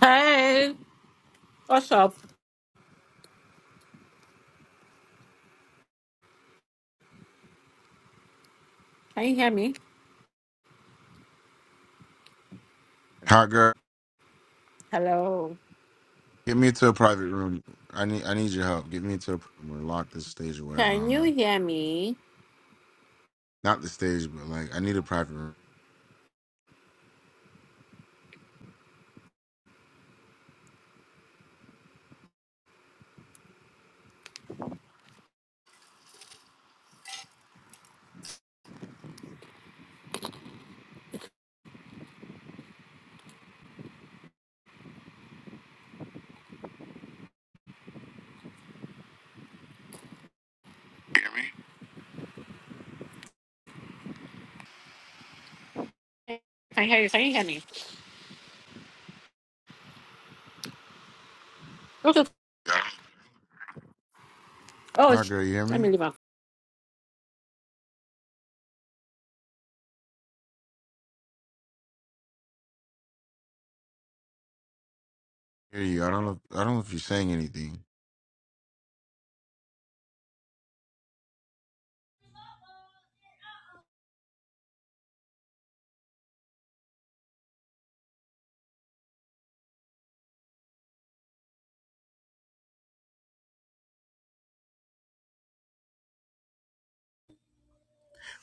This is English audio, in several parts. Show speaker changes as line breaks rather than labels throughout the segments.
Hey, what's up? Can you hear me?
Hot girl,
Hello.
get me into a private room. I need I need your help. Get me into a private room. Lock this stage or whatever. I
Can
don't
you
know.
hear me?
Not the stage, but like I need a private room.
Can I hear you? Can you hear me? Okay. Oh,
Hot
sh-
girl, you hear
let me
me?
leave out.
hear you. I don't know. I don't know if you're saying anything.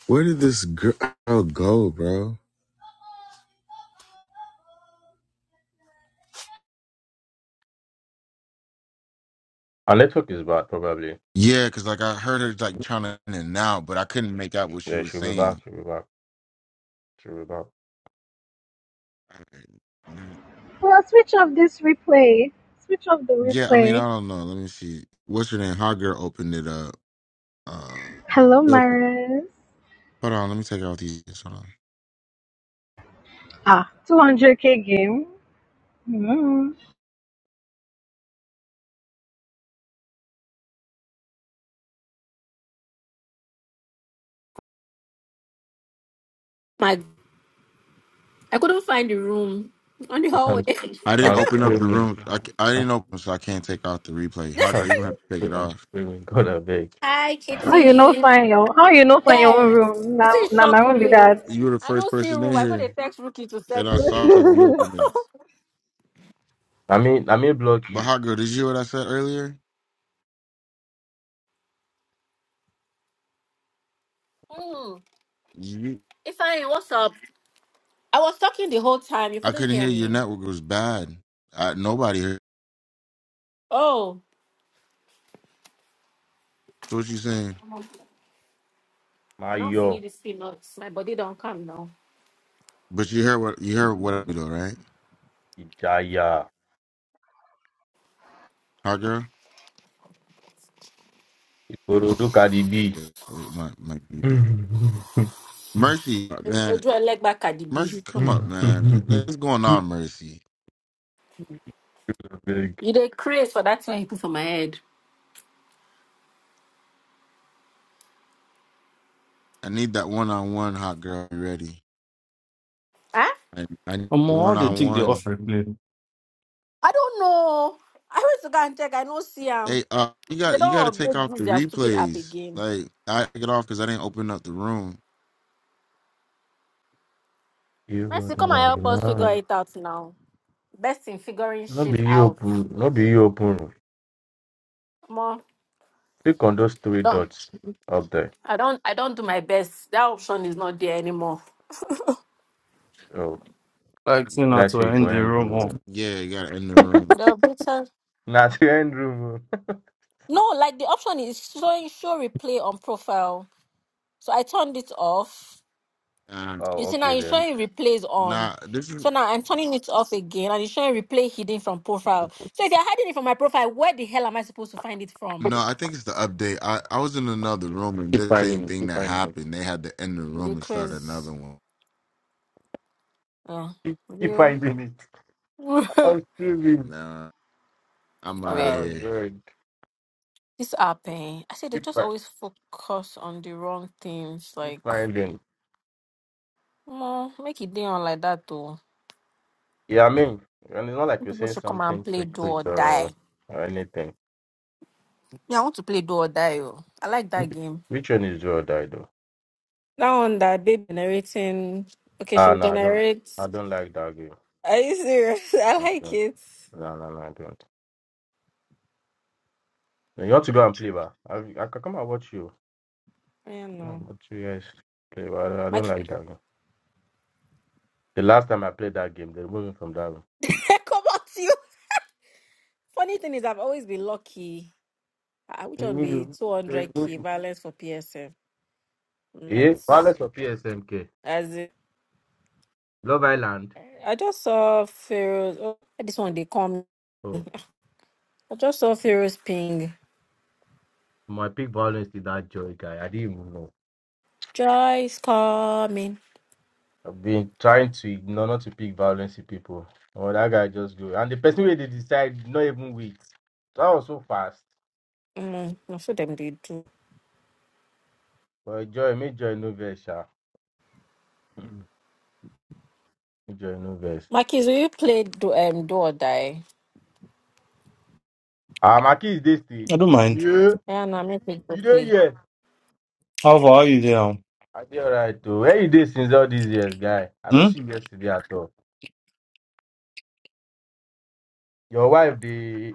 Where did this girl go, bro?
Our network is bad, probably.
Yeah, cause like I heard her like trying to in and out, but I couldn't make out what she
Yeah,
was
she'll be back.
saying.
She'll be back. She'll be back.
Mm,
Well, switch off this replay. Switch off the
Yeah, I mean I
replay.
don't know. Let me see. What's her name? Hot girl opened it up. Uh,
Hello,
hold
Maris.
on. Let me take off these. Hold on.
Ah, 200k game. Mm.
My, I couldn't find the room on the hallway.
I'm,
I didn't
I'm
open up the
screaming.
room. I, c- I didn't open, so I can't take off the replay. Hot
I'm
girl, you don't have to take it off.
screaming. God, I beg.
Hi,
How you know
Kitty.
find your How you know find your own
Yes.
room?
It
Now,
is
now my
shock
room be
me. oh.
that.
You were the
I
first
don't see
person in
room. I got a
here
text rookie to
that
send
I
me
saw that
link.
you opened it.
I mean, I may block
But
you.
hot girl, did you hear what I said earlier?
Hmm.
You,
If I what's up? I was talking the whole time. You
I
couldn't
couldn't
hear
hear your
me.
network was bad. I, nobody heard.
Oh,
So what you saying?
My
I don't
yo,
finish this peanuts. My body don't come now.
But you heard what you heard what I do, right?
Ijaya,
Hot girl.
Ikorodu Cardi B.
Yeah, or it might might be bad. Mercy, man,
Ojo leg back at the bee.
Mercy, come up, man. What's going on,
I
Mercy?
beg.
You dey craze for that thing you put for my head.
I need that one on one, hot girl. Ready?
Huh?
I I need
Um, how
one
they
on
take the off
one.
replay?
I don't know. I went to go and check. I do see
Hey,
them.
uh, you
They
got you got to
don't
take
update
off
this
the
their stupid app
replays.
again.
Like I took it off because I didn't open up the room.
You are
Mercy,
the
come and help us figure
one.
it out now. Best in figuring
Not
shit
be you
out.
open. Not be you open.
More
Click on those three
don't
dots up there.
I don't I don't do my best. That option is not there anymore.
Oh,
Like, say
what I
not to
say, go
end the
end
room. Oh.
room.
Yeah, you got to end the room.
The better.
Not end room. oh.
No, like the option is showing show replay on profile. So I turned it off.
Uh,
Oh,
You see now
okay
you're
then.
showing replays on.
nah, this is
So now I'm turning it off again and it's showing replay hidden from profile. So if you're hiding it from my profile, where the hell am I supposed to find it from?
no. I think it's the update. I I was in another room and
Keep
the same
finding it.
thing
Keep
that
finding it.
happened. They had to end the room
The
and start
crazy.
another one.
Yeah.
Keep, keep
Real.
finding it. I'm screaming.
Nah, I'm out of
Wait.
Oh,
here.
good.
This app, eh? I said they
Keep,
just
fi-
always focus on the wrong things.
keep
Like,
finding.
no, make it down like that though.
Yeah, I mean, and it's not like you're
People
saying
should come
something
and play do
secret
or
or,
die.
or anything.
Yeah, I want to play do or die. Oh. I like that game.
Which one is your die though?
That one that baby generating. Okay,
Ah,
she'll
no, I don't.
generate.
I don't like that game.
Are you serious? I
I
like
don't.
it.
No, no, no, I don't. You want to go and play, but I, I can come and watch you.
I don't
No,
know.
watch you guys play, but I don't, I
My
don't like that game. The last time I played that game, they removed me from that one.
come on to you. Funny thing is, I've always been lucky. I would
They
want
removed
be
you. They removed
200k
you.
balance for PSM. Not
Yeah, Wireless of PSMK.
as in,
Love Island.
I just saw Pharaoh's. Oh, this one they come.
Oh,
I just saw Pharaoh's ping.
my pick violence is that joy guy. I didn't even know.
Joy is coming.
I've been trying to ignore not to pick violence in people. Oh, that guy just go. And the person where they decide not even wait. That was so fast.
Mm, I'm sure them they do.
But joy, make joy no verse, sha. Mm, Make joy no verse.
My will you play do um do or die?
Ah, my kid is this
I
stage.
don't mind.
Yeah,
Yeah, no, I'm not going to
you there
play.
yet?
How far are you there? oh?
I did alright too. Where you did since all these years, guy? I don't
Hmm?
see you yesterday at all. Your wife, they.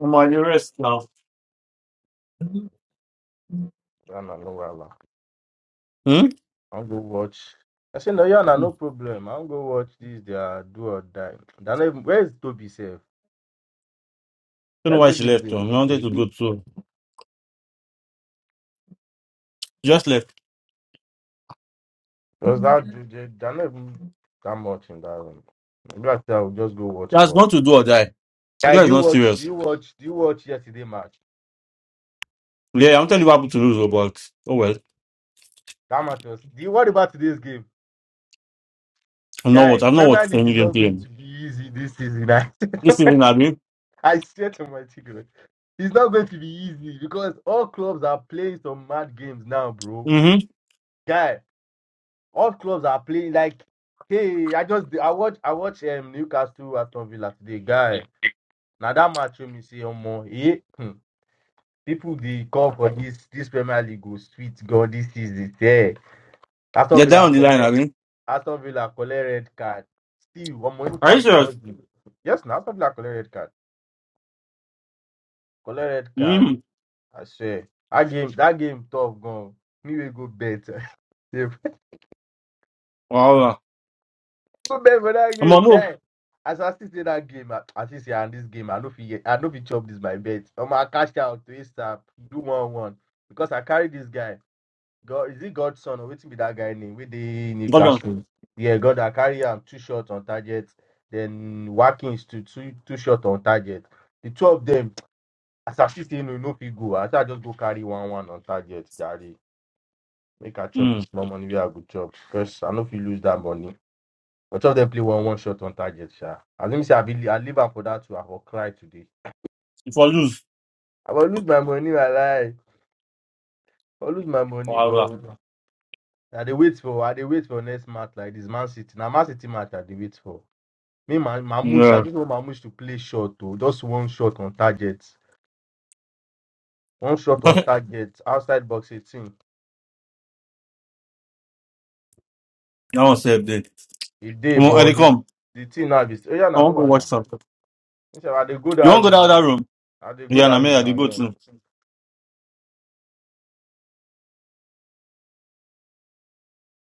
Um, are the rest now? Hmm?
I don't know,
Don't
I'll go watch. I say no, yeah, nah, no problem. I'll go watch this. They are do or die. They are not even, where is Toby safe?
know
Where
why she
Toby
left. Um, I wanted to
be?
go too. She Just left.
Was that dude? They're not even that much in that room. Maybe I tell I'll just go
She
watch
has gone
ball.
to do or die. You
Guy, do
guys
you
not
watch? Do
serious.
you watch? Do you watch yesterday match?
Yeah, I'm telling you what to lose, oh, but oh well.
That match was. Do you worry about today's game,
I'm not what
guy?
I'm not what
Premier League
any
is
game
not going
playing.
to be easy this season. I,
This season, Abby.
I swear to my ticket, it's not going to be easy because all clubs are playing some mad games now, bro.
Mm-hmm.
guy. All clubs are playing like hey, I just I watch I watch um Newcastle Aston Villa today, guy. Now that match you see say more eh, hmm, people they call for this this Premier League go sweet God this season. Yeah. Aston
They're
Villa
down the line,
collect
Abby.
Aston Villa collect red card. Still omo
Are you
Newcastle
serious?
just give. Yes, now Aston Villa collect red card. Collect red card.
Mm-hmm.
I swear. That game that game tough gone. Me will go bet.
Wow.
Good man for that
I'm on
game,
move.
guy. As I see say that game, I I see say and this game, I know if you, I know if you chop this my bet. I'ma cashed out to ASAP, do one one because I carry this guy. God, is it Godson or waiting be that guy name? With the
Got on.
Newcastle, yeah, God, I carry him two shots on target, then Watkins to two two shots on target. The two of them, as I see say no no fit go. As I just go carry one one on target, Daddy. Make I chop this
Mm.
small money, we a good chop because I know if you lose that money. But of them play one one shot on target, sha. As let me say, I be I leave am for that too. I will cry today.
If I lose,
I will lose my money, I lie. I will lose my money,
wow.
but I they wait for I they wait for next match like this Man City. Now Man City match I they wait for. Me my Mamush, I
Yeah.
just want Mamush to play short too. Just one shot on target. One shot on
that
target outside box 18.
one saved
If they
Come on,
but
Eddie,
the,
come.
the team now is oh yeah, na
I
no
want to go watch
wala.
something.
Me say, I dey go
You
that
want to go
room
down that
now.
other room?
I they go
Yeah, and I
that
may
room now,
go too.
yeah.